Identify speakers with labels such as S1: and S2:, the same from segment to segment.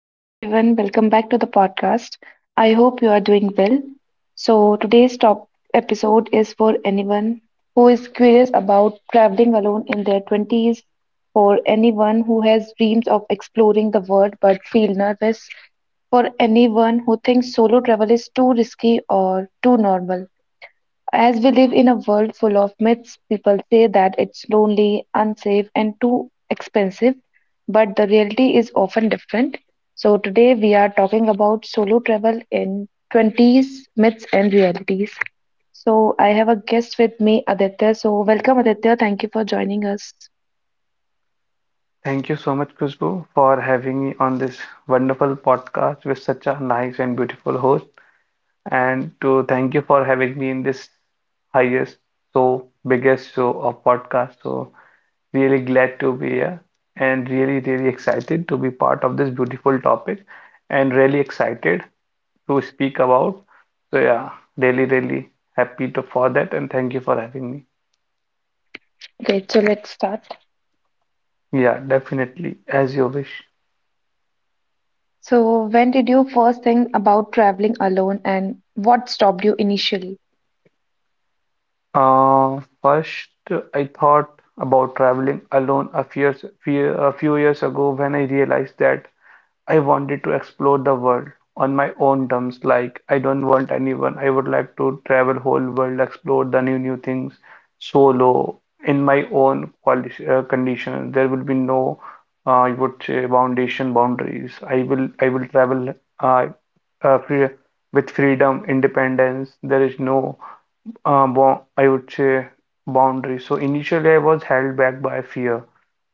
S1: Hi everyone, welcome back to the podcast. I hope you are doing well. So, today's top episode is for anyone who is curious about traveling alone in their 20s, for anyone who has dreams of exploring the world but feel nervous, for anyone who thinks solo travel is too risky or too normal. As we live in a world full of myths, people say that it's lonely, unsafe, and too expensive, but the reality is often different. So, today we are talking about solo travel in 20s myths and realities. So, I have a guest with me, Aditya. So, welcome, Aditya. Thank you for joining us.
S2: Thank you so much, Khushbu, for having me on this wonderful podcast with such a nice and beautiful host. And to thank you for having me in this highest, so biggest show of podcast. So really glad to be here and really, really excited to be part of this beautiful topic and really excited to speak about. So yeah, really, really happy to for that and thank you for having me.
S1: Great. So, let's start.
S2: Yeah, definitely, as you wish.
S1: So, when did you first think about traveling alone, and what stopped you initially?
S2: First, I thought about traveling alone a few years, a few years ago when I realized that I wanted to explore the world on my own terms. Like, I don't want anyone. I would like to travel whole world, explore the new new things solo in my own condition. There will be no, I would say, foundation boundaries. I will travel uh, free, with freedom, independence. There is no bo I would say boundary. So initially, I was held back by fear,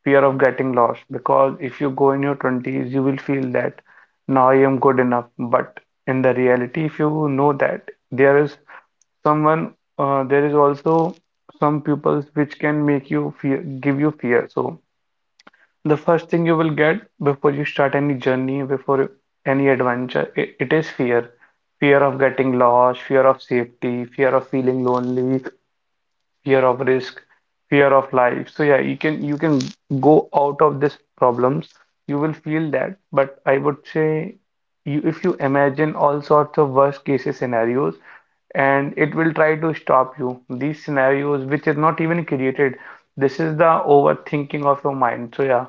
S2: fear of getting lost. Because if you go in your 20s, you will feel that now I am good enough. But in the reality, if you know that there is someone, there is also some pupils which can make you fear, give you fear. So the first thing you will get before you start any journey, before any adventure, it is fear. Fear of getting lost, fear of safety, fear of feeling lonely, fear of risk, fear of life. So yeah, you can go out of these problems. You will feel that, but I would say you if you imagine all sorts of worst cases scenarios and it will try to stop you. These scenarios which is not even created. This is the overthinking of your mind. So yeah,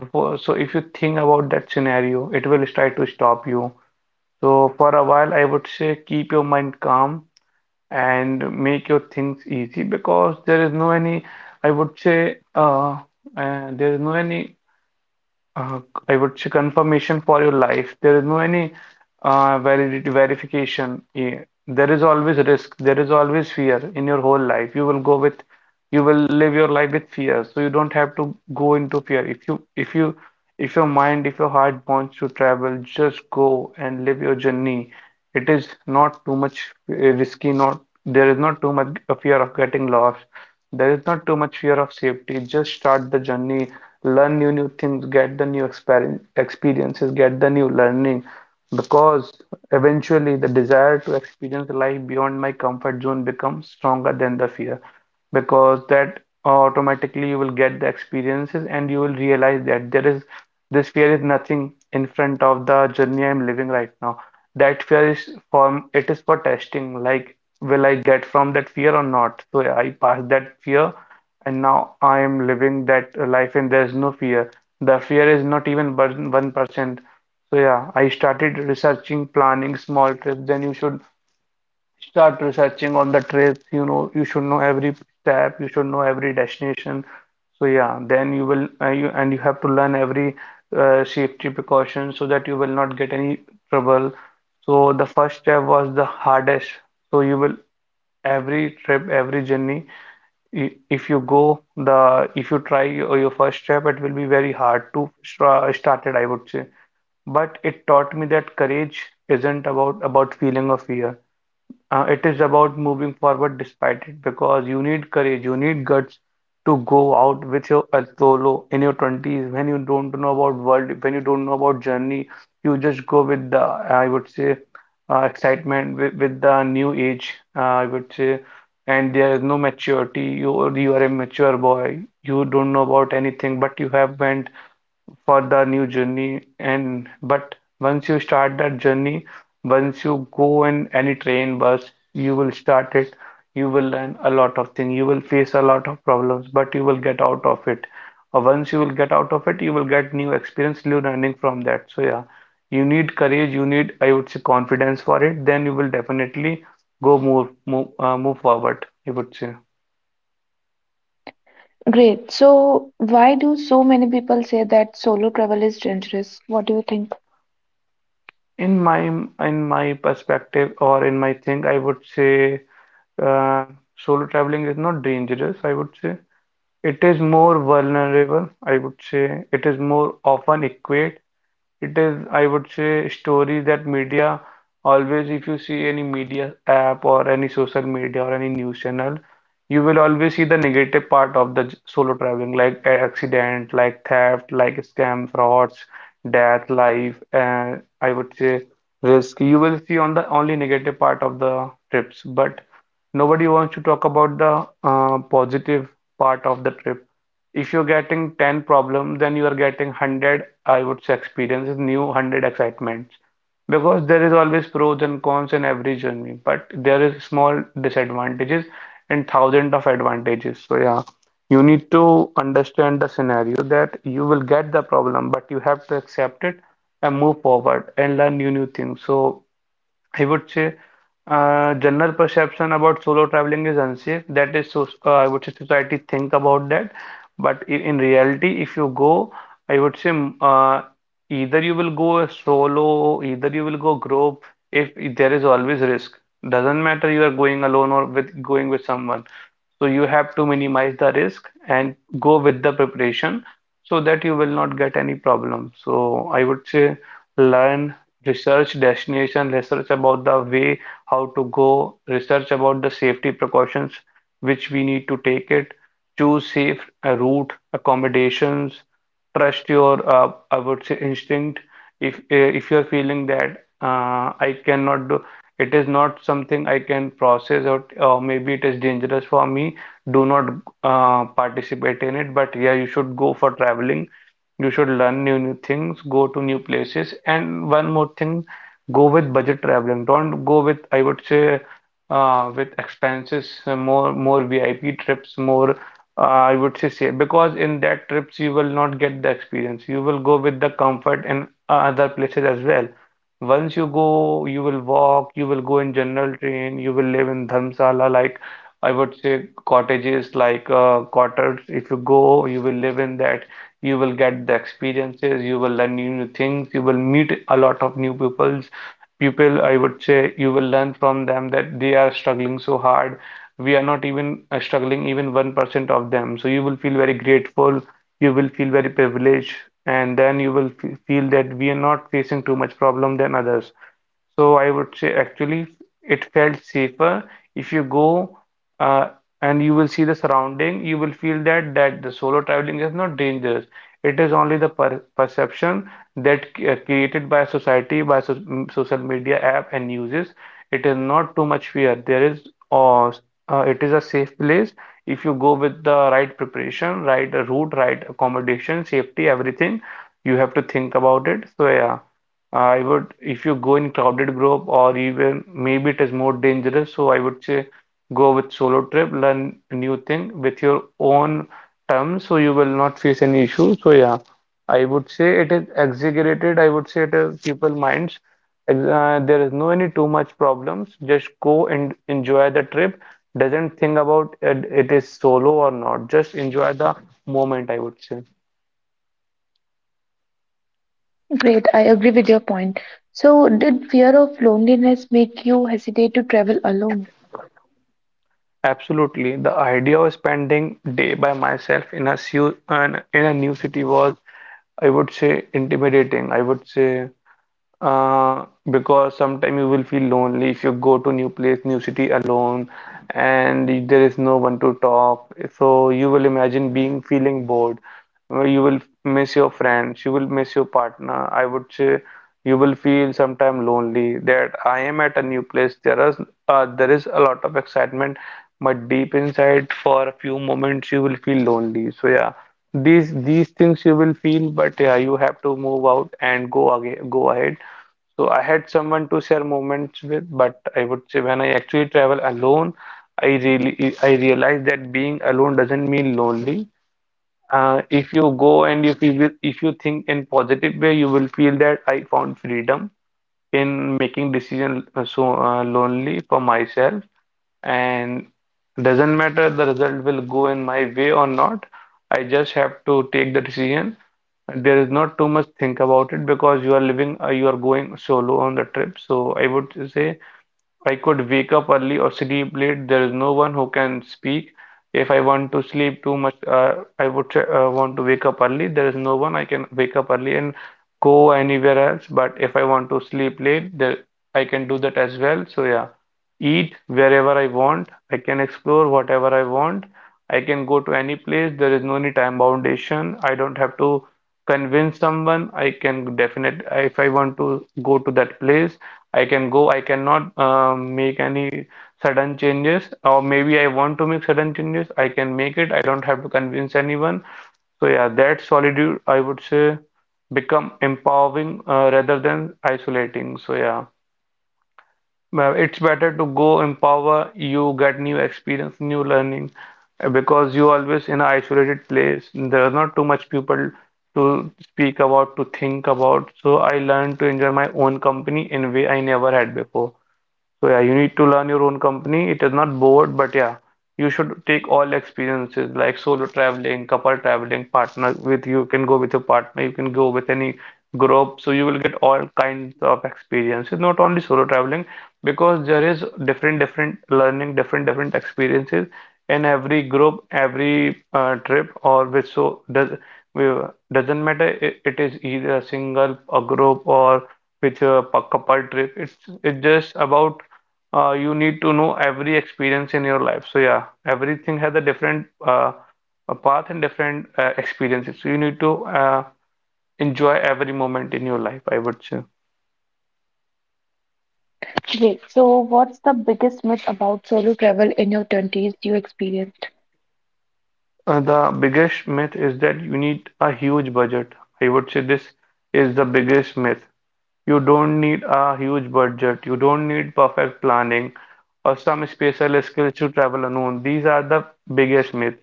S2: before so if you think about that scenario, it will try to stop you. So for a while I would say keep your mind calm and make your things easy because there is no any I would say there is no any uh, I would say confirmation for your life, there is no any validity verification, yeah, there is always risk, there is always fear in your whole life, you will go with you will live your life with fear. So you don't have to go into fear. If you if you if your mind, if your heart wants to travel, just go and live your journey. It is not too much uh, risky, not there is not too much a fear of getting lost, there is not too much fear of safety. Just start the journey, learn new new things, get the new experiences, get the new learning because eventually the desire to experience life beyond my comfort zone becomes stronger than the fear, because that automatically you will get the experiences and you will realize that there is this fear is nothing in front of the journey I'm living right now. That fear is for it is for testing, like will I get from that fear or not? So I passed that fear and now I am living that life and there is no fear. The fear is not even 1%. So yeah, I started researching, planning small trips. Then you should start researching on the trips, you know, you should know every step, you should know every destination. So yeah, then you will you and you have to learn every safety precaution so that you will not get any trouble. So the first step was the hardest. So you will every trip, every journey, if you go the if you try your first step, it will be very hard to start it, I would say. But it taught me that courage isn't about feeling of fear. It is about moving forward despite it because you need courage, you need guts to go out with your solo in your 20s when you don't know about world, when you don't know about journey, you just go with the, I would say, excitement with the new age, I would say, and there is no maturity. You are a mature boy. You don't know about anything, but you have went for the new journey and but once you start that journey, once you go in any train bus you will start it, you will learn a lot of things, you will face a lot of problems, but you will get out of it, or once you will get out of it you will get new experience, new learning from that. So yeah, you need courage, you need I would say confidence for it. Then you will definitely go move forward, I would say.
S1: Great. So, why do so many people say that solo travel is dangerous? What do you think?
S2: In my in my perspective or in my thing I would say uh, solo traveling is not dangerous, I would say. It is more vulnerable, I would say. It is more often equate. It is, I would say, stories that media always, if you see any media app or any social media or any news channel, you will always see the negative part of the solo traveling, like accident, like theft, like scam, frauds, death, life, and I would say risk. You will see on the only negative part of the trips, but nobody wants to talk about the positive part of the trip. If you're getting 10 problems, then you are getting 100, I would say, experiences, new 100 excitements. Because there is always pros and cons in every journey, but there is small disadvantages and thousand of advantages. So yeah, you need to understand the scenario that you will get the problem, but you have to accept it and move forward and learn new new things. So I would say general perception about solo traveling is unsafe. That is, so, I would say society think about that. But in reality, if you go, I would say either you will go solo, either you will go group. If there is always risk, doesn't matter you are going alone or with going with someone. So you have to minimize the risk and go with the preparation so that you will not get any problem. So I would say learn, research destination, research about the way how to go, research about the safety precautions which we need to take it, choose safe route, accommodations, trust your I would say instinct. If you're feeling that I cannot do, it is not something I can process or maybe it is dangerous for me, do not participate in it. But yeah, you should go for traveling, you should learn new new things, go to new places. And one more thing, go with budget traveling, don't go with I would say with expenses, more VIP trips, more uh, I would say because in that trips you will not get the experience, you will go with the comfort in other places as well. Once you go you will walk, you will go in general train, you will live in dharmshala, like I would say cottages, like cottage. If you go, you will live in that. You will get the experiences. You will learn new, new things. You will meet a lot of new peoples. People, I would say, you will learn from them that they are struggling so hard. We are not even struggling even 1% of them. So you will feel very grateful. You will feel very privileged, and then you will f feel that we are not facing too much problem than others. So I would say actually it felt safer if you go uh, and you will see the surrounding, you will feel that that the solo traveling is not dangerous. It is only the perception that created by society, by social media app and uses. It is not too much fear. There is uh, it is a safe place if you go with the right preparation, right route, right accommodation, safety, everything. You have to think about it. So yeah. I would, if you go in crowded group or even maybe it is more dangerous, so I would say go with solo trip, learn new thing with your own terms, so you will not face any issue. So yeah, I would say it is exaggerated. I would say it is people minds. There is no any too much problems. Just go and enjoy the trip. Doesn't think about it, it is solo or not. Just enjoy the moment, I would say.
S1: Great. I agree with your point. So, did fear of loneliness make you hesitate to travel alone?
S2: Absolutely. The idea of spending day by myself in a in a new city was, I would say, intimidating. I would say uh, because sometime you will feel lonely if you go to new place, new city alone, and there is no one to talk. So you will imagine being feeling bored. You will miss your friends. You will miss your partner. I would say you will feel sometime lonely. That I am at a new place. There is there is a lot of excitement, but deep inside, for a few moments, you will feel lonely. So yeah, these things you will feel, but yeah, you have to move out and go again, go ahead. So I had someone to share moments with, but I would say when I actually travel alone, I realize that being alone doesn't mean lonely. If you go and if you will, if you think in positive way, you will feel that I found freedom in making decision, so lonely for myself, and doesn't matter the result will go in my way or not. I just have to take the decision. There is not too much think about it because you are living, you are going solo on the trip. So I would say I could wake up early or sleep late. There is no one who can speak. If I want to sleep too much, I want to wake up early. There is no one I can wake up early and go anywhere else. But if I want to sleep late, there I can do that as well. So yeah, eat wherever I want. I can explore whatever I want. I can go to any place. There is no any time foundation. I don't have to convince someone. I can definite if I want to go to that place. I can go, I cannot make any sudden changes, or maybe I want to make sudden changes, I can make it, I don't have to convince anyone. So yeah, that solitude, I would say, become empowering rather than isolating. So yeah, well, it's better to go empower, you get new experience, new learning, because you always in an isolated place, there are not too much people to speak about, to think about. So, I learned to enjoy my own company in way I never had before. So yeah, you need to learn your own company. It is not bored, but yeah, you should take all experiences like solo traveling, couple traveling, partner with you can go with your partner, you can go with any group. So you will get all kinds of experiences, not only solo traveling, because there is different different learning, different different experiences in every group, every trip or which so does doesn't matter. It is either a single, a group or with a couple trip. It's just about you need to know every experience in your life. So yeah, everything has a different a path and different experiences. So you need to enjoy every moment in your life, I would say.
S1: Great. So, what's the biggest myth about solo travel in your 20s you experienced?
S2: The biggest myth is that you need a huge budget. I would say this is the biggest myth. You don't need a huge budget. You don't need perfect planning or some special skills to travel alone. These are the biggest myth.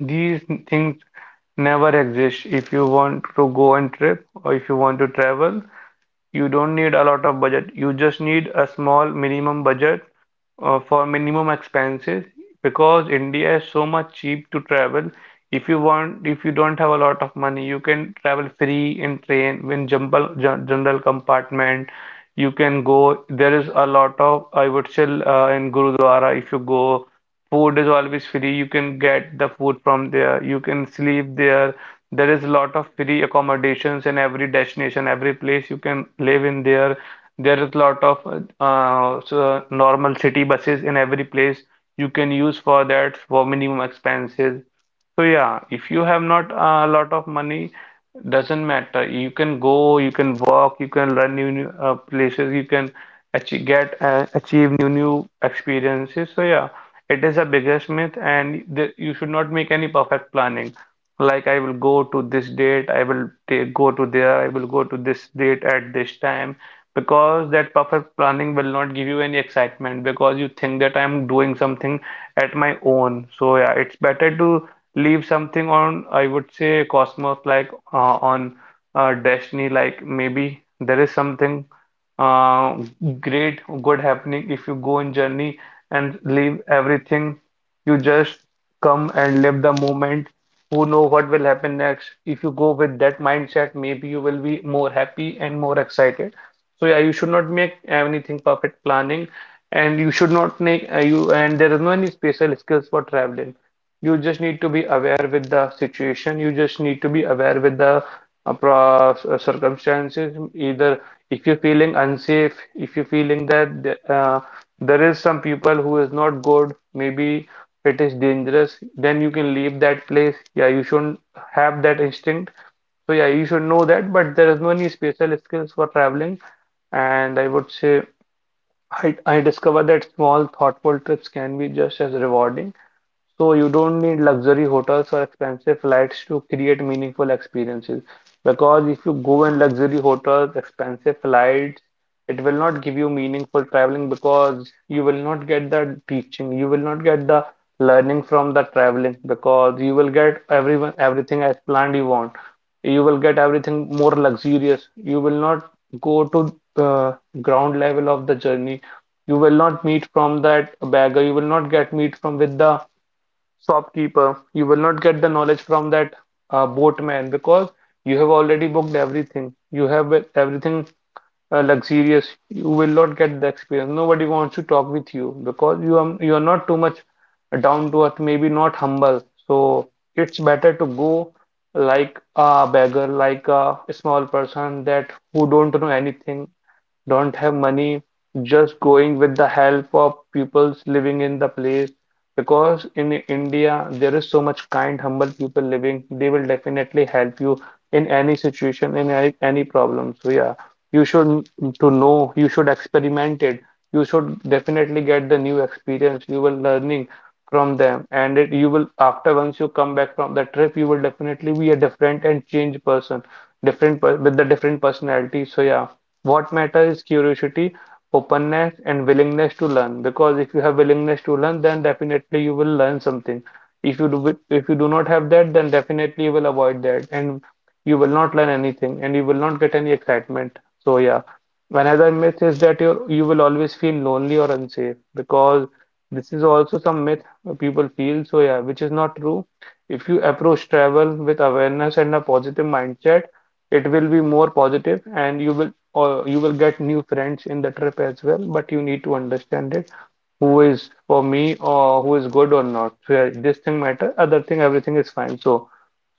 S2: These things never exist. If you want to go on trip or if you want to travel, you don't need a lot of budget. You just need a small minimum budget for minimum expenses, because India is so much cheap to travel. If you want, if you don't have a lot of money, you can travel free in train, in jumble, general compartment. You can go. There is a lot of, I would say, in Gurudwara, if you go, food is always free. You can get the food from there. You can sleep there. There is a lot of free accommodations in every destination, every place you can live in there. There is a lot of so normal city buses in every place you can use for that for minimum expenses. So yeah, if you have not a lot of money, doesn't matter. You can go, you can walk, you can learn new, new places, you can achieve, get achieve new new experiences. So yeah, it is a biggest myth, and the, you should not make any perfect planning. Like I will go to this date, I will take, go to there, I will go to this date at this time, because that perfect planning will not give you any excitement because you think that I'm doing something at my own. So yeah, it's better to leave something on, I would say, Cosmos, like on Destiny, like maybe there is something uh, great, good happening if you go in journey and leave everything. You just come and live the moment. Who know what will happen next? If you go with that mindset, maybe you will be more happy and more excited. So yeah, you should not make anything perfect planning, and you should not make you. And there is no any special skills for traveling. You just need to be aware with the situation. You just need to be aware with the pro circumstances. Either if you're feeling unsafe, if you're feeling that there is some people who is not good, maybe it is dangerous, then you can leave that place. Yeah, you shouldn't have that instinct. So yeah, you should know that. But there is no any special skills for traveling. And I would say I discovered that small thoughtful trips can be just as rewarding. So you don't need luxury hotels or expensive flights to create meaningful experiences. Because if you go in luxury hotels, expensive flights, it will not give you meaningful traveling because you will not get the teaching, you will not get the learning from the traveling because you will get everyone everything as planned you want. You will get everything more luxurious. You will not go to uh, ground level of the journey. You will not meet from that beggar. You will not get meet from with the shopkeeper. You will not get the knowledge from that boatman because you have already booked everything. You have everything luxurious. You will not get the experience. Nobody wants to talk with you because you are not too much down to earth, maybe not humble. So it's better to go like a beggar, like a small person that who don't know anything, don't have money, just going with the help of peoples living in the place. Because in India, there is so much kind, humble people living, they will definitely help you in any situation, in any problem. So yeah, you should to know, you should experiment it. You should definitely get the new experience. You will learning from them, and it, you will after once you come back from the trip, you will definitely be a different and change person, different per with the different personality. So yeah. What matters is curiosity, openness, and willingness to learn. Because if you have willingness to learn, then definitely you will learn something. If you do not have that, then definitely you will avoid that, and you will not learn anything, and you will not get any excitement. So yeah, another myth is that you will always feel lonely or unsafe because this is also some myth people feel. So yeah, which is not true. If you approach travel with awareness and a positive mindset, it will be more positive and you will, or you will get new friends in the trip as well, but you need to understand it who is for me or who is good or not. So yeah, this thing matter, other thing everything is fine. So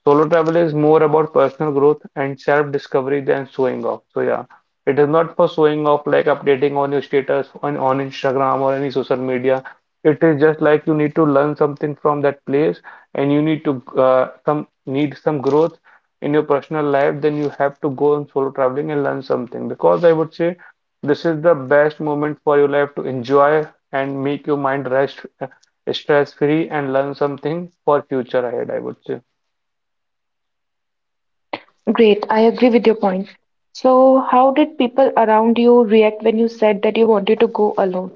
S2: solo travel is more about personal growth and self-discovery than showing off. So yeah, it is not for showing off like updating on your status on Instagram or any social media. It is just like you need to learn something from that place and you need to some need some growth in your personal life, then you have to go on solo traveling and learn something. Because I would say this is the best moment for your life to enjoy and make your mind rest, stress free, and learn something for future ahead, I would say.
S1: Great. I agree with your point. So, how did people around you react when you said that you wanted to go alone?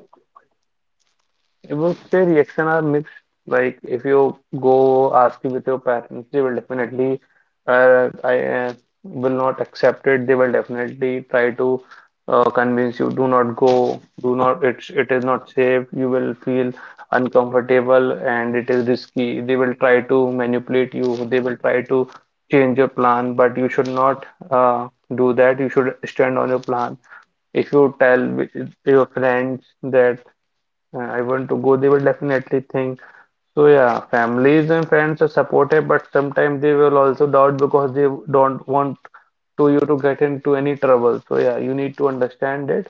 S2: It would say reaction are mixed. Like if you go asking with your parents, they will definitely I will not accept it. They will definitely try to convince you, do not go, do not. It is not safe. You will feel uncomfortable and it is risky. They will try to manipulate you. They will try to change your plan, but you should not uh, do that. You should stand on your plan if your friends that I want to go, they will definitely think. So yeah, families and friends are supportive, but sometimes they will also doubt because they don't want to you to get into any trouble. So yeah, you need to understand it.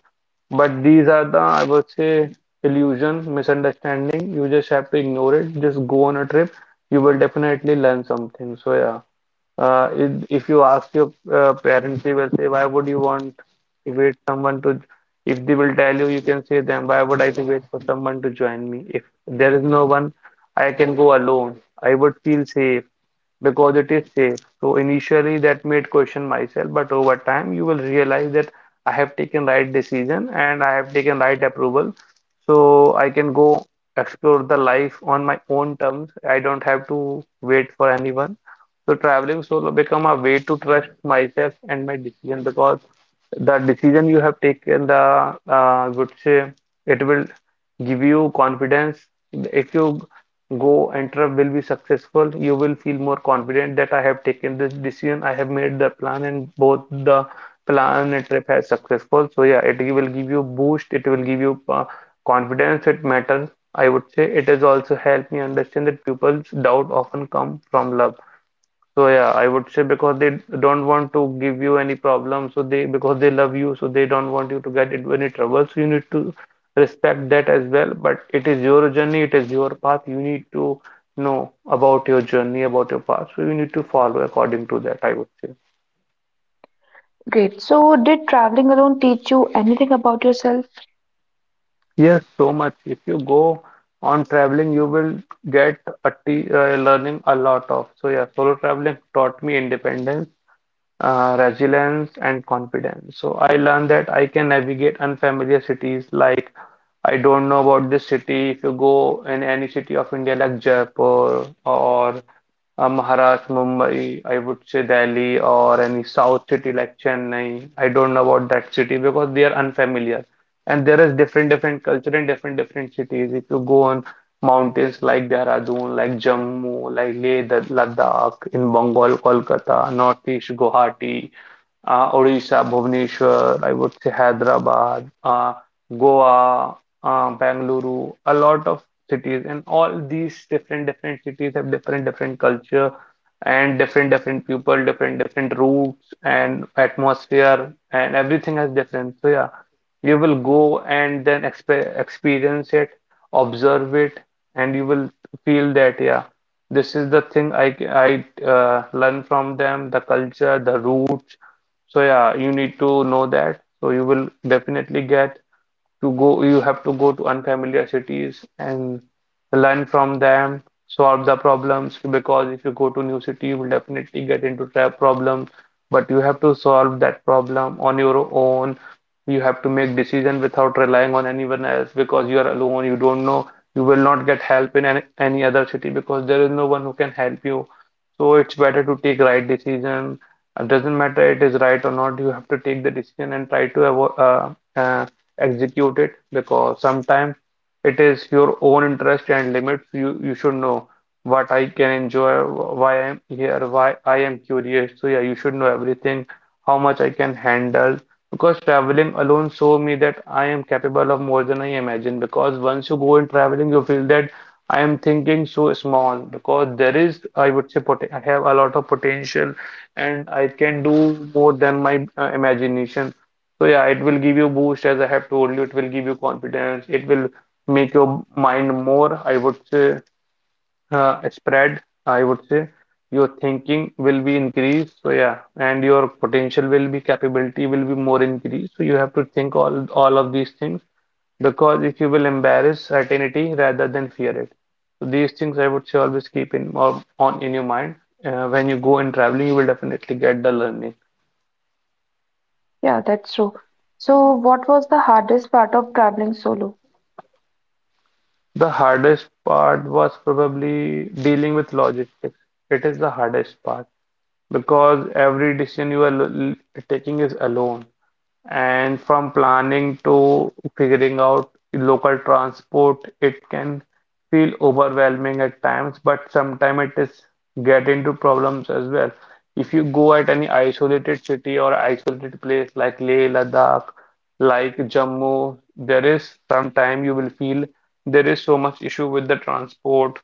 S2: But these are the, I would say, illusion, misunderstanding. You just have to ignore it. Just go on a trip. You will definitely learn something. So yeah. If you ask your parents, they will say, "Why would you want to wait someone to?" If they will tell you, you can say them, "Why would I to wait for someone to join me? If there is no one, I can go alone. I would feel safe because it is safe." So initially, that made question myself, but over time, you will realize that I have taken right decision and I have taken right approval, so I can go explore the life on my own terms. I don't have to wait for anyone. So traveling solo become a way to trust myself and my decision because the decision you have taken, the would say it will give you confidence. If you go and trip will be successful, you will feel more confident that I have taken this decision, I have made the plan, and both the plan and trip has successful. So yeah, it will give you boost. It will give you confidence. It matters. I would say it has also helped me understand that people's doubt often come from love, so yeah, I would say because they don't want to give you any problem, so they because they love you, so they don't want you to get into any trouble. So you need to respect that as well. But it is your journey, it is your path. You need to know about your journey, about your path. So you need to follow according to that, I would say.
S1: Great. So, did traveling alone teach you anything about yourself?
S2: Yes, so much. If you go on traveling, you will get a t learning a lot of. So yeah, solo traveling taught me independence, resilience and confidence. So I learned that I can navigate unfamiliar cities, like I don't know about this city. If you go in any city of India like Jaipur or Maharashtra, Mumbai, I would say Delhi, or any south city like Chennai. I don't know about that city because they are unfamiliar. And there is different different culture in different different cities. If you go on mountains like Dehradun, like Jammu, like Leh, Ladakh, in Bengal, Kolkata, Northeast, Guwahati, Odisha, Bhubaneswar, I would say Hyderabad, Goa, Bangalore, a lot of cities, and all these different different cities have different different culture and different different people, different different routes and atmosphere, and everything has different. So yeah, you will go and then experience it, observe it, and you will feel that yeah, this is the thing I learn from them, the culture, the roots. So yeah, you need to know that. So you will definitely get to go. You have to go to unfamiliar cities and learn from them, solve the problems, because if you go to new city, you will definitely get into trap problem, but you have to solve that problem on your own. You have to make decision without relying on anyone else, because you are alone, you don't know. You will not get help in any other city because there is no one who can help you. So it's better to take right decision. It doesn't matter it is right or not, you have to take the decision and try to avoid execute it, because sometimes it is your own interest and limits. You should know what I can enjoy, why I'm here, why I am curious. So yeah, you should know everything, how much I can handle. Because traveling alone showed me that I am capable of more than I imagine. Because once you go in traveling, you feel that I am thinking so small. Because there is, I would say, pot I have a lot of potential, and I can do more than my imagination. So yeah, it will give you boost, as I have told you. It will give you confidence. It will make your mind more, I would say, spread. I would say your thinking will be increased. So yeah, and your potential will be capability will be more increased. So you have to think all of these things, because if you will embarrass certainty rather than fear it. So these things, I would say, always keep in or on in your mind. When you go in traveling, you will definitely get the learning.
S1: Yeah, that's true. So, what was the hardest part of traveling solo?
S2: The hardest part was probably dealing with logistics. It is the hardest part, because every decision you are taking is alone. And from planning to figuring out local transport, it can feel overwhelming at times, but sometimes it is get into problems as well. If you go at any isolated city or isolated place like Leh, Ladakh, like Jammu, there is sometime you will feel there is so much issue with the transport.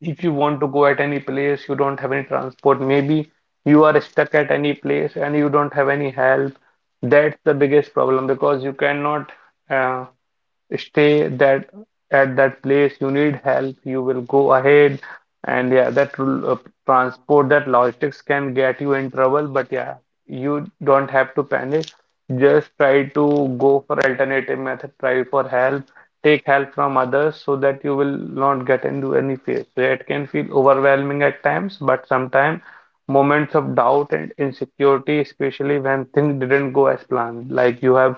S2: If you want to go at any place, you don't have any transport, maybe you are stuck at any place and you don't have any help. That's the biggest problem, because you cannot uh, stay that at that place. You need help, you will go ahead. And yeah, that transport, that logistics can get you in trouble. But yeah, you don't have to panic. Just try to go for alternative method, try for help, take help from others, so that you will not get into any fear. So it can feel overwhelming at times, but sometimes moments of doubt and insecurity, especially when things didn't go as planned, like you have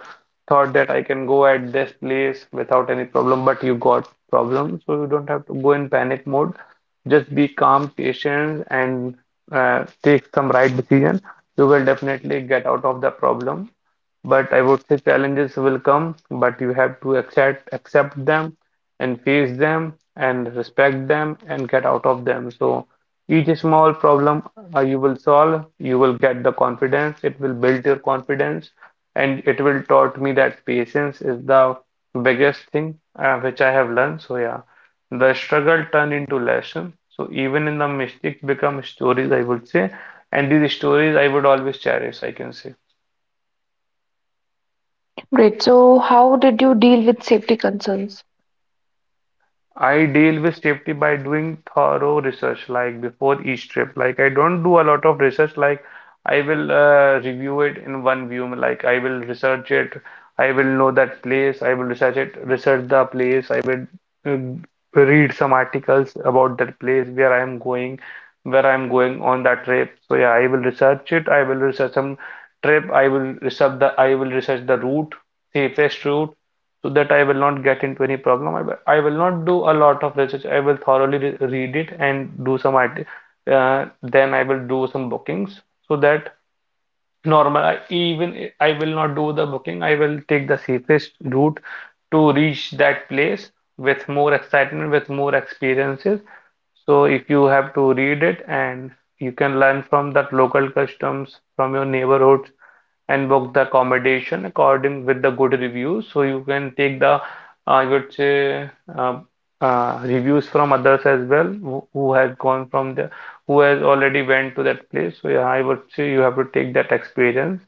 S2: thought that I can go at this place without any problem, but you got problem, so you don't have to go in panic mode. Just be calm, patient, and take some right decision. You will definitely get out of the problem. But I would say challenges will come, but you have to accept them and face them and respect them and get out of them. So each small problem you will solve, you will get the confidence. It will build your confidence, and it will taught me that patience is the biggest thing which I have learned. So yeah, the struggle turned into lesson. So even in the mistakes become stories, I would say, and these stories I would always cherish, I can say.
S1: Great. So, how did you deal with safety concerns?
S2: I deal with safety by doing thorough research, like before each trip. Like I don't do a lot of research. Like I will review it in one view. Like I will research it. I will know that place. I will research it. Research the place. I will read some articles about that place where I am going, where I am going on that trip. So yeah, I will research it. I will research some trip. I will research the. I will research the route, safest route, so that I will not get into any problem. I will not do a lot of research. I will thoroughly re read it and do some art. Then I will do some bookings, so that normal I, even I will not do the booking, I will take the safest route to reach that place with more excitement, with more experiences. So if you have to read it, and you can learn from that local customs from your neighborhoods and book the accommodation according with the good reviews, so you can take the, I would say, uh, reviews from others as well, who have gone from there, who has already went to that place. So yeah, I would say you have to take that experience,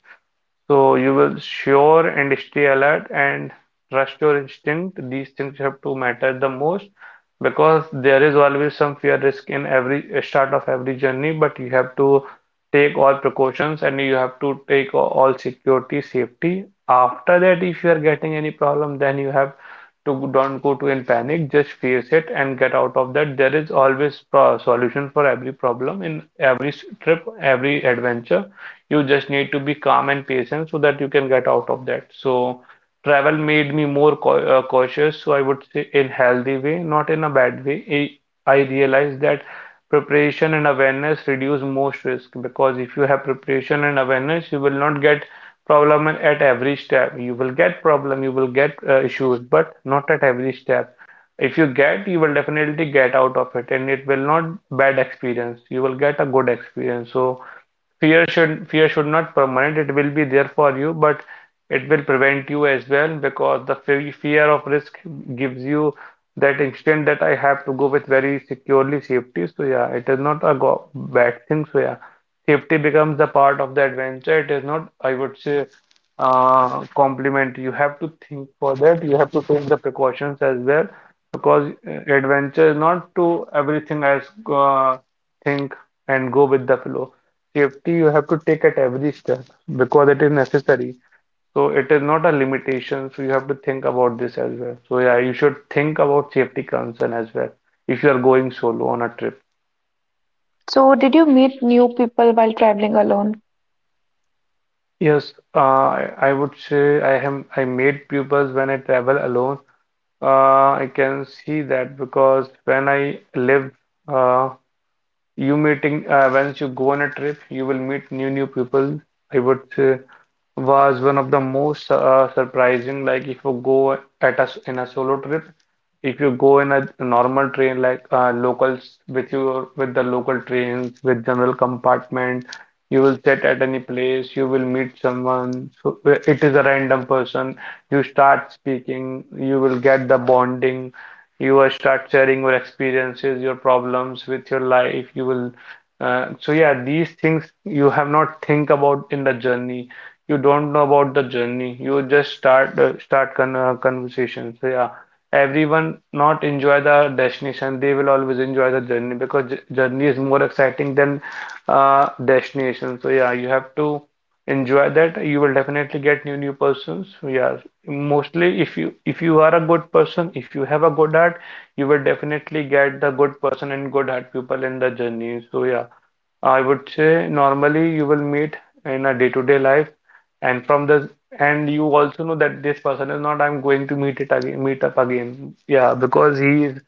S2: so you will sure and stay alert and trust your instinct. These things have to matter the most, because there is always some fear risk in every start of every journey, but you have to take all precautions and you have to take all security, safety. After that, if you are getting any problem, then you have to don't go to in panic, just face it and get out of that. There is always pro solution for every problem in every trip, every adventure. You just need to be calm and patient so that you can get out of that. So travel made me more cautious, so I would say in healthy way, not in a bad way. I realized that preparation and awareness reduce most risk, because if you have preparation and awareness you will not get problem at every step. You will get problem, you will get issues, but not at every step. If you get, you will definitely get out of it and it will not bad experience, you will get a good experience. So fear should not permanent. It will be there for you, but it will prevent you as well, because the fear of risk gives you that instinct that I have to go with very securely safety. So yeah, it is not a go bad thing. So yeah, safety becomes the part of the adventure. It is not, I would say, compliment. You have to think for that. You have to take the precautions as well, because adventure is not to everything as think and go with the flow. Safety you have to take at every step, because it is necessary. So it is not a limitation. So you have to think about this as well. So yeah, you should think about safety concern as well if you are going solo on a trip.
S1: So, did you meet new people while traveling alone?
S2: Yes, I would say I made pupils when I travel alone. I can see that. Because when I lived uh, you meeting, once you go on a trip you will meet new people, I would say, was one of the most surprising. Like if you go at us in a solo trip, if you go in a normal train, like locals, with your with the local trains with general compartment, you will sit at any place, you will meet someone. So it is a random person, you start speaking, you will get the bonding, you will start sharing your experiences, your problems with your life. You will, so yeah, these things you have not think about in the journey. You don't know about the journey. You just start conversations. So yeah, everyone not enjoy the destination. They will always enjoy the journey, because journey is more exciting than destination. So yeah, you have to enjoy that. You will definitely get new persons. So yeah, mostly if you are a good person, if you have a good heart, you will definitely get the good person and good heart people in the journey. So yeah, I would say normally you will meet in a day-to-day life, and from the and you also know that this person is not I'm going to meet it again, meet up again. Yeah, because he is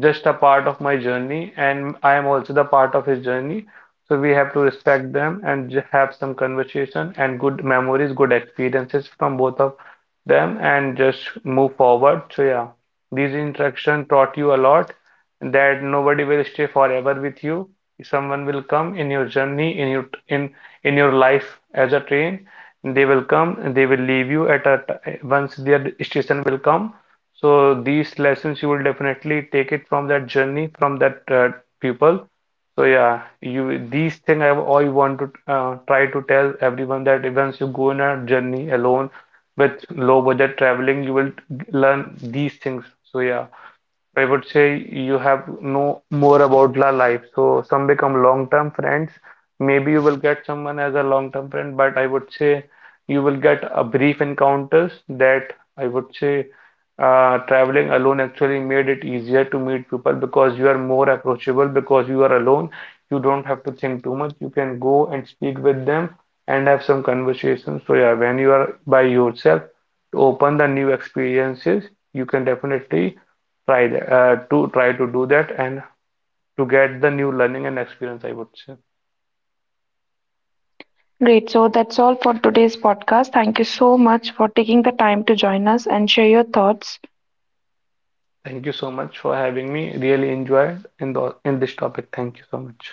S2: just a part of my journey, and I am also the part of his journey. So we have to respect them and have some conversation and good memories, good experiences from both of them, and just move forward. So yeah, these interaction taught you a lot, that nobody will stay forever with you. Someone will come in your journey, in your in your life, as a train. They will come, they will leave you at a once their station will come. So these lessons you will definitely take it from that journey, from that people. So yeah, you, these thing I want to try to tell everyone that once you go on a journey alone with low budget traveling, you will learn these things. So yeah, I would say you have know more about la life. So some become long-term friends. Maybe you will get someone as a long-term friend, but I would say you will get a brief encounters, that I would say traveling alone actually made it easier to meet people, because you are more approachable because you are alone. You don't have to think too much. You can go and speak with them and have some conversations. So yeah, when you are by yourself, to open the new experiences, you can definitely try that to try to do that and to get the new learning and experience, I would say.
S1: Great. So, that's all for today's podcast. Thank you so much for taking the time to join us and share your thoughts.
S2: Thank you so much for having me. Really enjoyed in this topic. Thank you so much.